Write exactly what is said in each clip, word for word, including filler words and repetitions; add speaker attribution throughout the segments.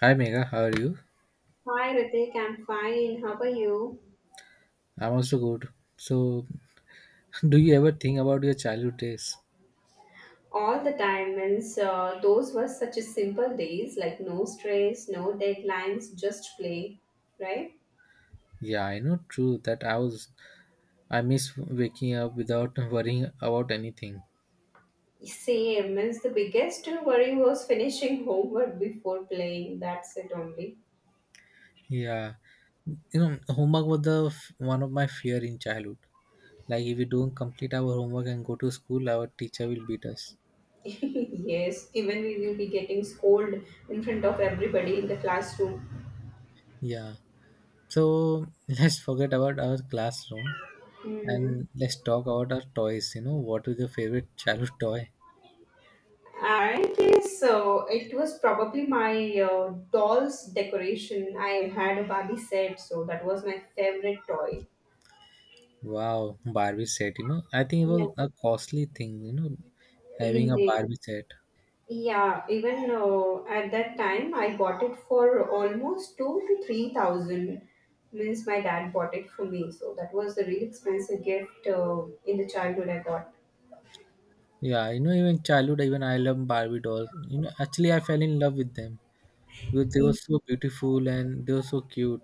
Speaker 1: Hi Mega, how are you?
Speaker 2: Hi Ritik, I'm fine. How are you?
Speaker 1: I'm also good. So, do you ever think about your childhood days?
Speaker 2: All the time, means uh, those were such a simple days, like no stress, no deadlines, just play, right?
Speaker 1: Yeah, I know, true that I was I miss waking up without worrying about anything.
Speaker 2: Same, means the biggest worry was finishing homework before playing. That's it only.
Speaker 1: Yeah, you know, homework was the f- one of my fear in childhood. Like if we don't complete our homework and go to school, our teacher will beat us.
Speaker 2: Yes, even we will be getting scolded in front of everybody in the classroom.
Speaker 1: Yeah. So let's forget about our classroom
Speaker 2: Hmm.
Speaker 1: and let's talk about our toys. You know, what is your favorite childhood toy?
Speaker 2: Apparently, so it was probably my uh, doll's decoration. I had a Barbie set, so that was my favorite toy.
Speaker 1: Wow, Barbie set. You know, I think it
Speaker 2: Yeah,
Speaker 1: was a costly thing. You know, having a
Speaker 2: indeed.
Speaker 1: Barbie set.
Speaker 2: Yeah, even uh, at that time, I bought it for almost two to three thousand. Means my dad bought it for me, so that was a really expensive gift uh, in the childhood I got.
Speaker 1: Yeah, you know, even childhood, even I love Barbie dolls. You know, actually, I fell in love with them because they were so beautiful and they were so cute.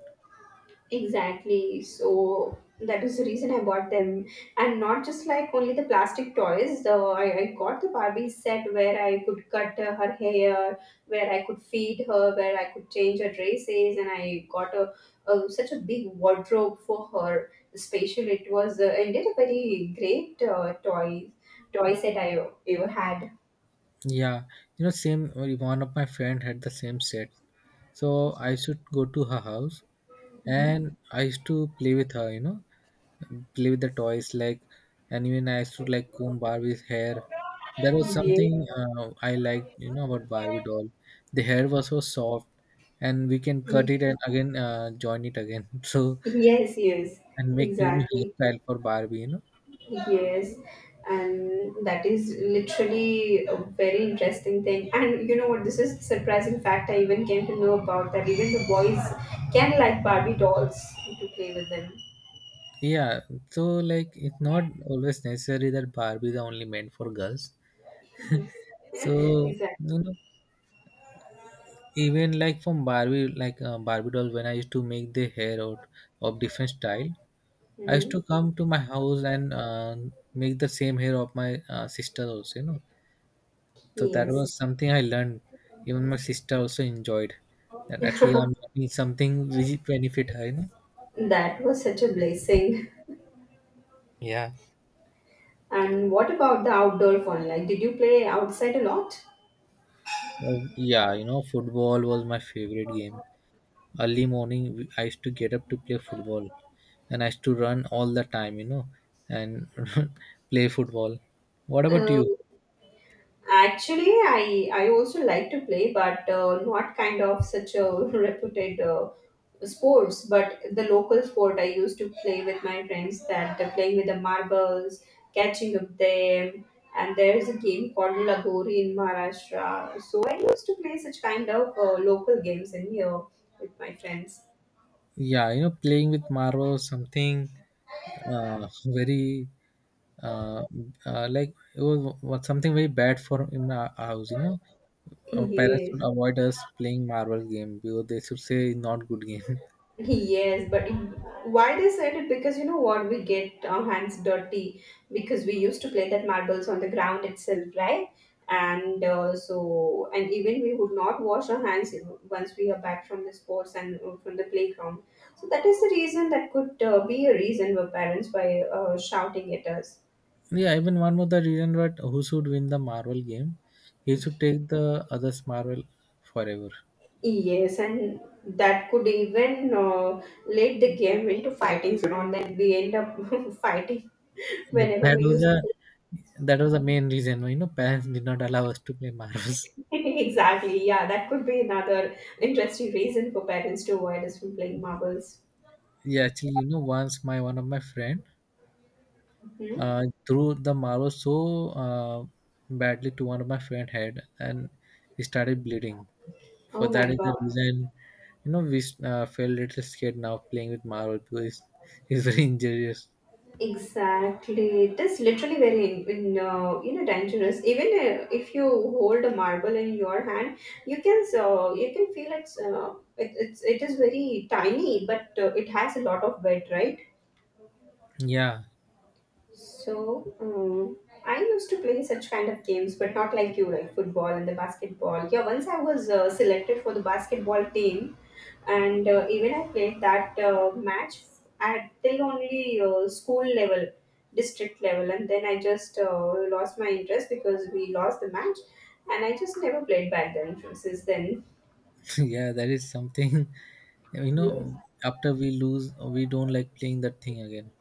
Speaker 2: Exactly. So that is the reason I bought them. And not just like only the plastic toys, though I, I got the Barbie set where I could cut uh, her hair, where I could feed her, where I could change her dresses, and I got a, a such a big wardrobe for her. Especially, it was uh, indeed a very great uh, toy toy set I ever had.
Speaker 1: Yeah, you know, same one of my friend had the same set, so I should go to her house
Speaker 2: Mhm.
Speaker 1: and I used to play with her. You know, play with the toys like, and even I used to like comb Barbie's hair. That was something
Speaker 2: Yeah.
Speaker 1: uh, I liked, you know, about Barbie doll. The hair was so soft, and we can cut it and again uh, join it again. So
Speaker 2: Yes, yes,
Speaker 1: and make new new
Speaker 2: exactly.
Speaker 1: hairstyle for Barbie, you know.
Speaker 2: Yes, and that is literally a very interesting thing. And you know what? This is surprising fact. I even came to know about that. Even the boys can like Barbie dolls to play with them.
Speaker 1: Yeah, so like it's not always necessary that Barbie is only meant for girls.
Speaker 2: Yes,
Speaker 1: So
Speaker 2: exactly.
Speaker 1: you know, even like from Barbie, like uh, Barbie doll, when I used to make the hair out of different style, I used
Speaker 2: Hmm.
Speaker 1: to come to my house and uh, make the same hair of my uh, sister also, you know. So that was
Speaker 2: Yes,
Speaker 1: something I learned. Even my sister also enjoyed that. At least I'm doing something which benefit her, you know.
Speaker 2: that was such a blessing.
Speaker 1: Yeah.
Speaker 2: And what about the outdoor fun? Like, did you play outside a lot?
Speaker 1: Oh, yeah, you know, football was my favorite game. Early morning, we- I used to get up to play football, and I used to run all the time, you know, and play football. What about you?
Speaker 2: Oh. Actually, I I also like to play, but uh, not kind of such a reputed uh, sports. But the local sport I used to play with my friends that uh, playing with the marbles, catching up them, and there is a game called Lagori in Maharashtra. So I used to play such kind of uh, local games in here with my friends.
Speaker 1: Yeah, you know, playing with marbles, something uh, very uh, uh, like it was, was something very bad for in our house, you know. Our parents would
Speaker 2: Yes.
Speaker 1: avoid us playing marble game because they should say not good game.
Speaker 2: Yes, but it, why they said it? Because you know what? We get our hands dirty because we used to play that marbles on the ground itself, right? And uh, so, and even we would not wash our hands you know, once we are back from the sports and uh, from the playground. So that is the reason that could uh, be a reason for parents by uh, shouting at us.
Speaker 1: Yeah, even one more the reason, but who should win the marble game, he should take the others marble forever.
Speaker 2: Yes, and that could even uh, lead the game into fightings and all that. We end up fighting whenever
Speaker 1: that
Speaker 2: we
Speaker 1: was
Speaker 2: used
Speaker 1: the
Speaker 2: to.
Speaker 1: that was the main reason why, you know, parents did not allow us to play marbles.
Speaker 2: Exactly. Yeah, that could be another interesting reason for parents to avoid us from playing marbles.
Speaker 1: Yeah, actually, you know, once my one of my friend
Speaker 2: Mhm.
Speaker 1: uh, threw the marble so uh, badly to one of my friend head, and he started bleeding. For
Speaker 2: Oh
Speaker 1: that
Speaker 2: my
Speaker 1: is the
Speaker 2: God.
Speaker 1: reason, you know, we uh, feel a little scared now playing with marvel because it's, it's very injurious.
Speaker 2: Exactly. It is literally very in, in, uh, you know dangerous. Even uh, if you hold a marble in your hand, you can so you can feel it's uh, it, it's it is very tiny, but uh, it has a lot of weight, right?
Speaker 1: Yeah.
Speaker 2: So, um, I used to play such kind of games, but not like you, like football and the basketball. Yeah, once I was uh, selected for the basketball team, and uh, even I played that uh, match at till only uh, school level, district level, and then I just uh, lost my interest because we lost the match, and I just never played back then since then.
Speaker 1: Yeah, that is something, you know,
Speaker 2: Yes.
Speaker 1: after we lose we don't like playing that thing again.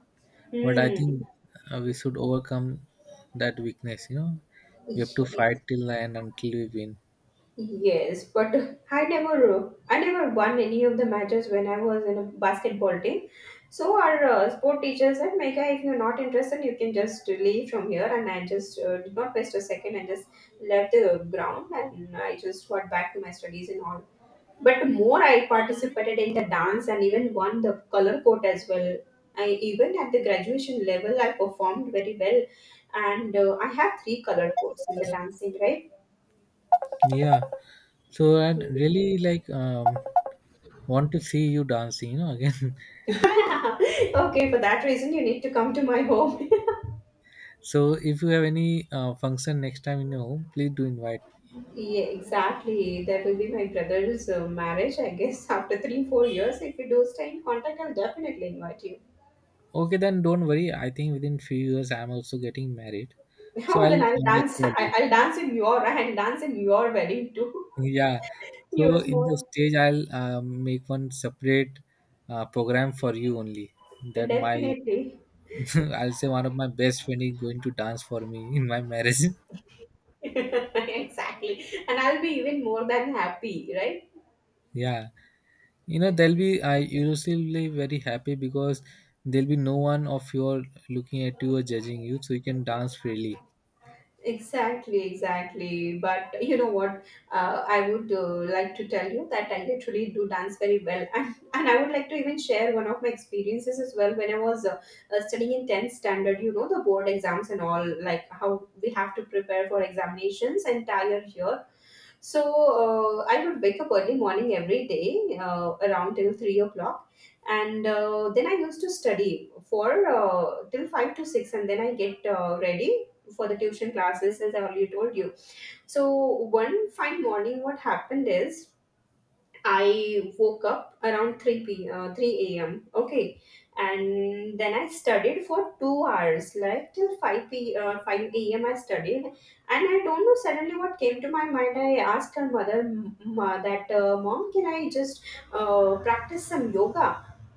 Speaker 1: But I think
Speaker 2: Hmm.
Speaker 1: uh, we should overcome that weakness, you know. We have to
Speaker 2: Yes.
Speaker 1: fight till the end until we win.
Speaker 2: Yes, but I never I never won any of the matches when I was in a basketball team. So our uh, sport teacher said, "Mega, if you're not interested, you can just leave from here." And I just uh, did not waste a second and just left the ground and I just got back to my studies and all. But more I participated in the dance and even won the color coat as well. I even at the graduation level I performed very well, and uh, I have three color coats in the dancing, right?
Speaker 1: Yeah, so I really like um want to see you dancing, you know, again.
Speaker 2: Okay, for that reason, you need to come to my home.
Speaker 1: So if you have any uh, function next time in your home, please do invite.
Speaker 2: Yeah, exactly. That will be my brother's uh, marriage, I guess. After three, four years, if we do stay in contact, I'll definitely invite you.
Speaker 1: Okay, then don't worry. I think within few years I'm also getting married, so
Speaker 2: Oh, then
Speaker 1: I'll,
Speaker 2: I'll
Speaker 1: I'll
Speaker 2: dance.
Speaker 1: call
Speaker 2: I,
Speaker 1: you.
Speaker 2: I'll dance in your. I'll dance in your wedding too.
Speaker 1: Yeah. So
Speaker 2: Yours
Speaker 1: in the
Speaker 2: more
Speaker 1: stage, I'll uh, make one separate uh, program for you only. That my
Speaker 2: definitely.
Speaker 1: I'll say one of my best friend is going to dance for me in my marriage.
Speaker 2: Exactly, and I'll be even more than happy, right?
Speaker 1: Yeah, you know, they'll be I usually very happy because there'll be no one of your looking at you or judging you, so you can dance freely.
Speaker 2: Exactly, exactly. But you know what? Uh, I would uh, like to tell you that I literally do dance very well, and and I would like to even share one of my experiences as well when I was uh, uh, studying in tenth standard. You know the board exams and all, like how we have to prepare for examinations entire year. So uh, I would wake up early morning every day uh, around till three o'clock, and uh, then I used to study for uh, till five to six, and then I get uh, ready for the tuition classes as I already told you. So one fine morning, what happened is I woke up around three p uh, three a m. Okay, and then I studied for two hours, like till five p uh, five a m I studied, and I don't know suddenly what came to my mind. I asked her mother m- ma, that uh, mom, can I just uh, practice some yoga?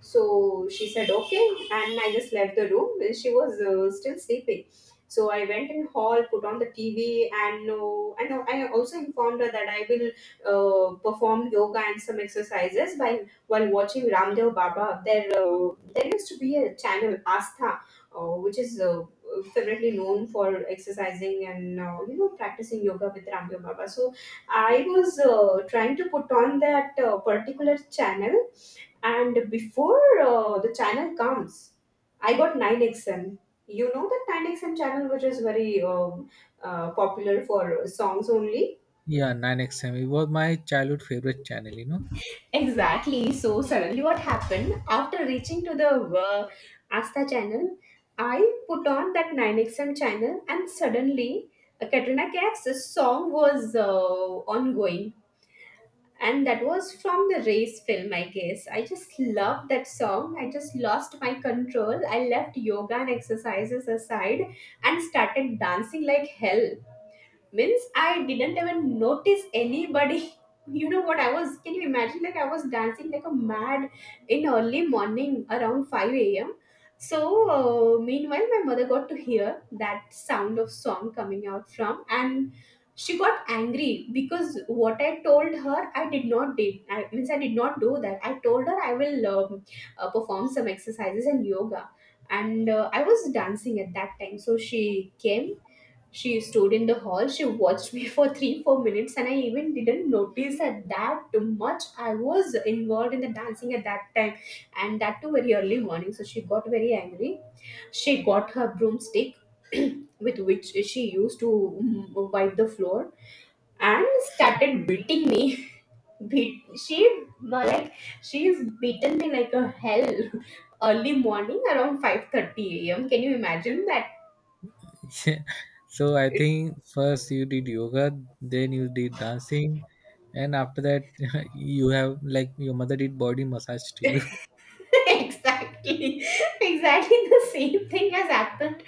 Speaker 2: So she said okay, and I just left the room. She was uh, still sleeping. So I went in hall, put on the T V, and uh, and I also informed her that I will uh, performed yoga and some exercises while while watching Ramdev Baba. There uh, there used to be a channel Astha, uh, which is uh, favorably known for exercising and uh, you know practicing yoga with Ramdev Baba. So I was uh, trying to put on that uh, particular channel, and before uh, the channel comes, I got nine X M. You know that nine X M channel, which is very um, uh, popular for songs only.
Speaker 1: Yeah, nine X M. It was my childhood favorite channel, you know.
Speaker 2: Exactly. So suddenly, what happened after reaching to the uh, Asta channel? I put on that nine X M channel, and suddenly, uh, Katrina Kaif's song was uh, ongoing, and that was from the race film, I guess. I just loved that song. I just lost my control. I left yoga and exercises aside and started dancing like hell. Means I didn't even notice anybody. You know what I was, can you imagine, like I was dancing like a mad in early morning around five a.m. So uh, meanwhile my mother got to hear that sound of song coming out from, and she got angry because what I told her, I did not, did I? Means I did not do that. I told her I will um, uh, perform some exercises and yoga, and uh, I was dancing at that time. So she came. She stood in the hall. She watched me for three, four minutes, and I even didn't notice that that much I was involved in the dancing at that time, and that too very early morning. So she got very angry. She got her broomstick, with which she used to mm, wipe the floor, and started beating me. Beat she uh, like she's beaten me like a hell. Early morning around five thirty a m. Can you imagine that?
Speaker 1: Yeah. So I think first you did yoga, then you did dancing, and after that you have like your mother did body massage to you.
Speaker 2: Exactly, exactly, the same thing has happened.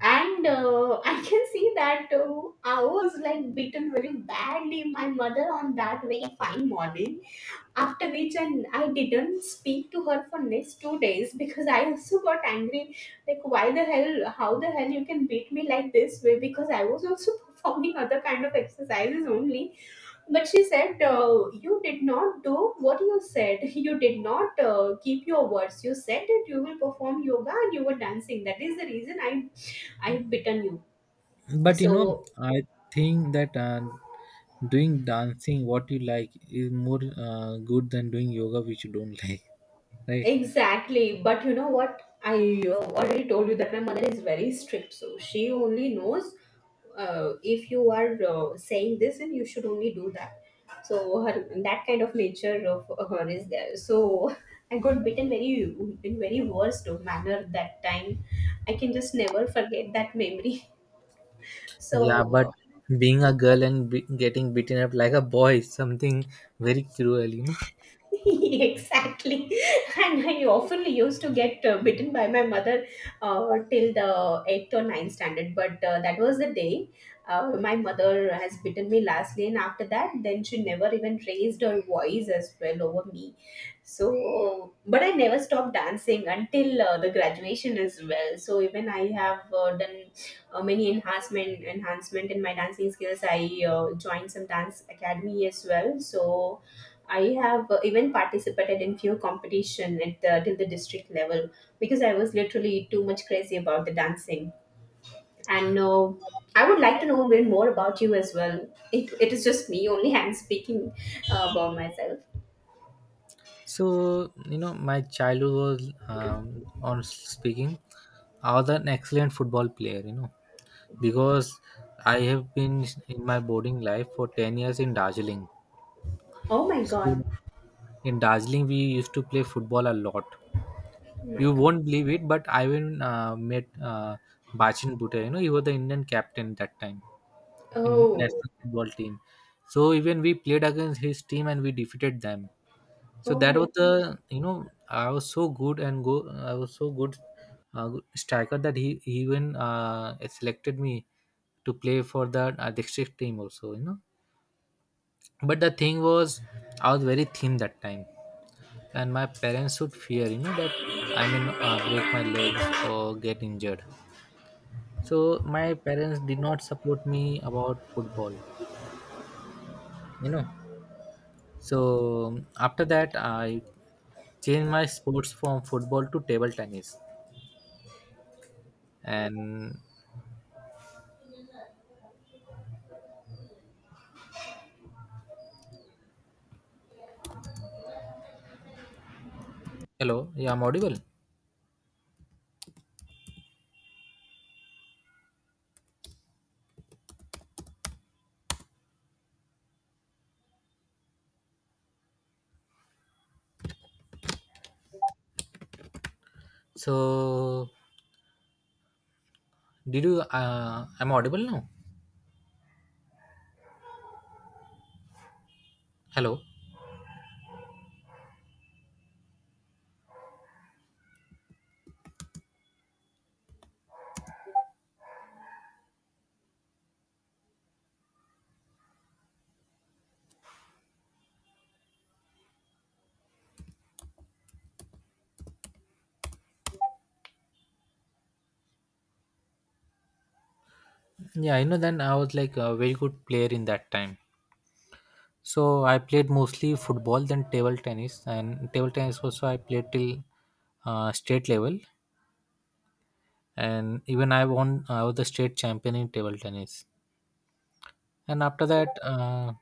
Speaker 2: And uh, I can see that uh, I was like beaten very badly my mother on that very fine morning, after which, and I didn't speak to her for next two days because I also got angry, like why the hell, how the hell you can beat me like this way, because I was also performing other kind of exercises only. But she said, uh, "You did not do what you said. You did not uh, keep your words. You said that you will perform yoga and you were dancing. That is the reason I, I bitten you."
Speaker 1: But you know,
Speaker 2: So,
Speaker 1: I think that uh, doing dancing what you like is more uh, good than doing yoga which you don't like, right?
Speaker 2: exactly, but you know what? I uh, already told you that my mother is very strict, so she only knows uh, if you are uh, saying this and you should only do that. So her that kind of nature of her is there. So I got bitten very in very worst manner that time. I can just never forget that memory.
Speaker 1: Yeah, but
Speaker 2: So uh,
Speaker 1: being a girl and be- getting beaten up like a boy is something very cruel, you know.
Speaker 2: exactly, and I often used to get uh, bitten by my mother uh, till the eighth or ninth standard, but uh, that was the day uh, my mother has bitten me lastly, and after that then she never even raised her voice as well over me. So but I never stopped dancing until uh, the graduation as well, so even I have uh, done uh, many enhancement enhancement in my dancing skills. I uh, joined some dance academy as well. So I have uh, even participated in few competition at the, till the district level because I was literally too much crazy about the dancing. And uh, I would like to know a bit more about you as well. It, it is just me only. I'm speaking uh, about myself.
Speaker 1: So you know, my childhood was um, on speaking. I was an excellent football player, you know, because I have been in my boarding life for ten years in Darjeeling.
Speaker 2: Oh my god!
Speaker 1: So in Darjeeling, we used to play football a lot.
Speaker 2: Oh my
Speaker 1: You
Speaker 2: god!
Speaker 1: won't believe it, but I even uh, met uh, Bachin Bhutto. You know, he was the Indian captain that time in
Speaker 2: Oh
Speaker 1: national football team. So even we played against his team and we defeated them. So
Speaker 2: oh
Speaker 1: that
Speaker 2: my
Speaker 1: was the,
Speaker 2: god!
Speaker 1: you know, i was so good and go I was so good, uh, good striker that he he even uh, selected me to play for the uh, district team also, you know. But the thing was I was very thin that time, and my parents would fear, you know, that I may n- uh, break my legs or get injured. So my parents did not support me about football, you know. So um, after that I changed my sports from football to table tennis, and Hello, yeah, I'm audible. So, did you? Uh, I'm audible now. Hello. Yeah, you know, then I was like a very good player in that time. So I played mostly football, then table tennis, and table tennis also I played till uh, state level, and even I won. I was the state champion in table tennis. And after that, uh,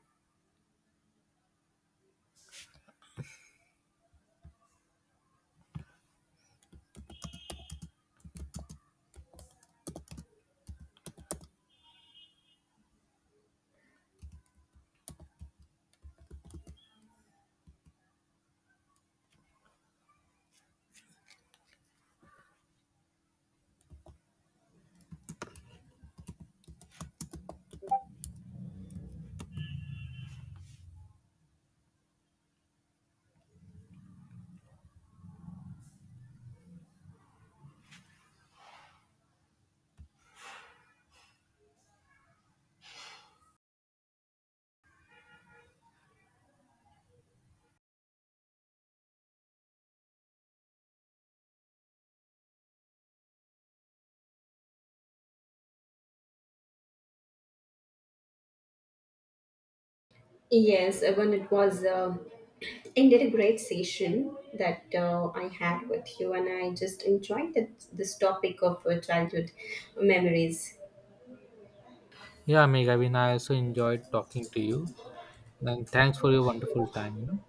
Speaker 2: Yes, uh, when it was. Uh, ended a great session that uh, I had with you, and I just enjoyed that, this topic of uh, childhood memories.
Speaker 1: yeah, Meg, I mean, I also enjoyed talking to you, and thanks for your wonderful time. You know.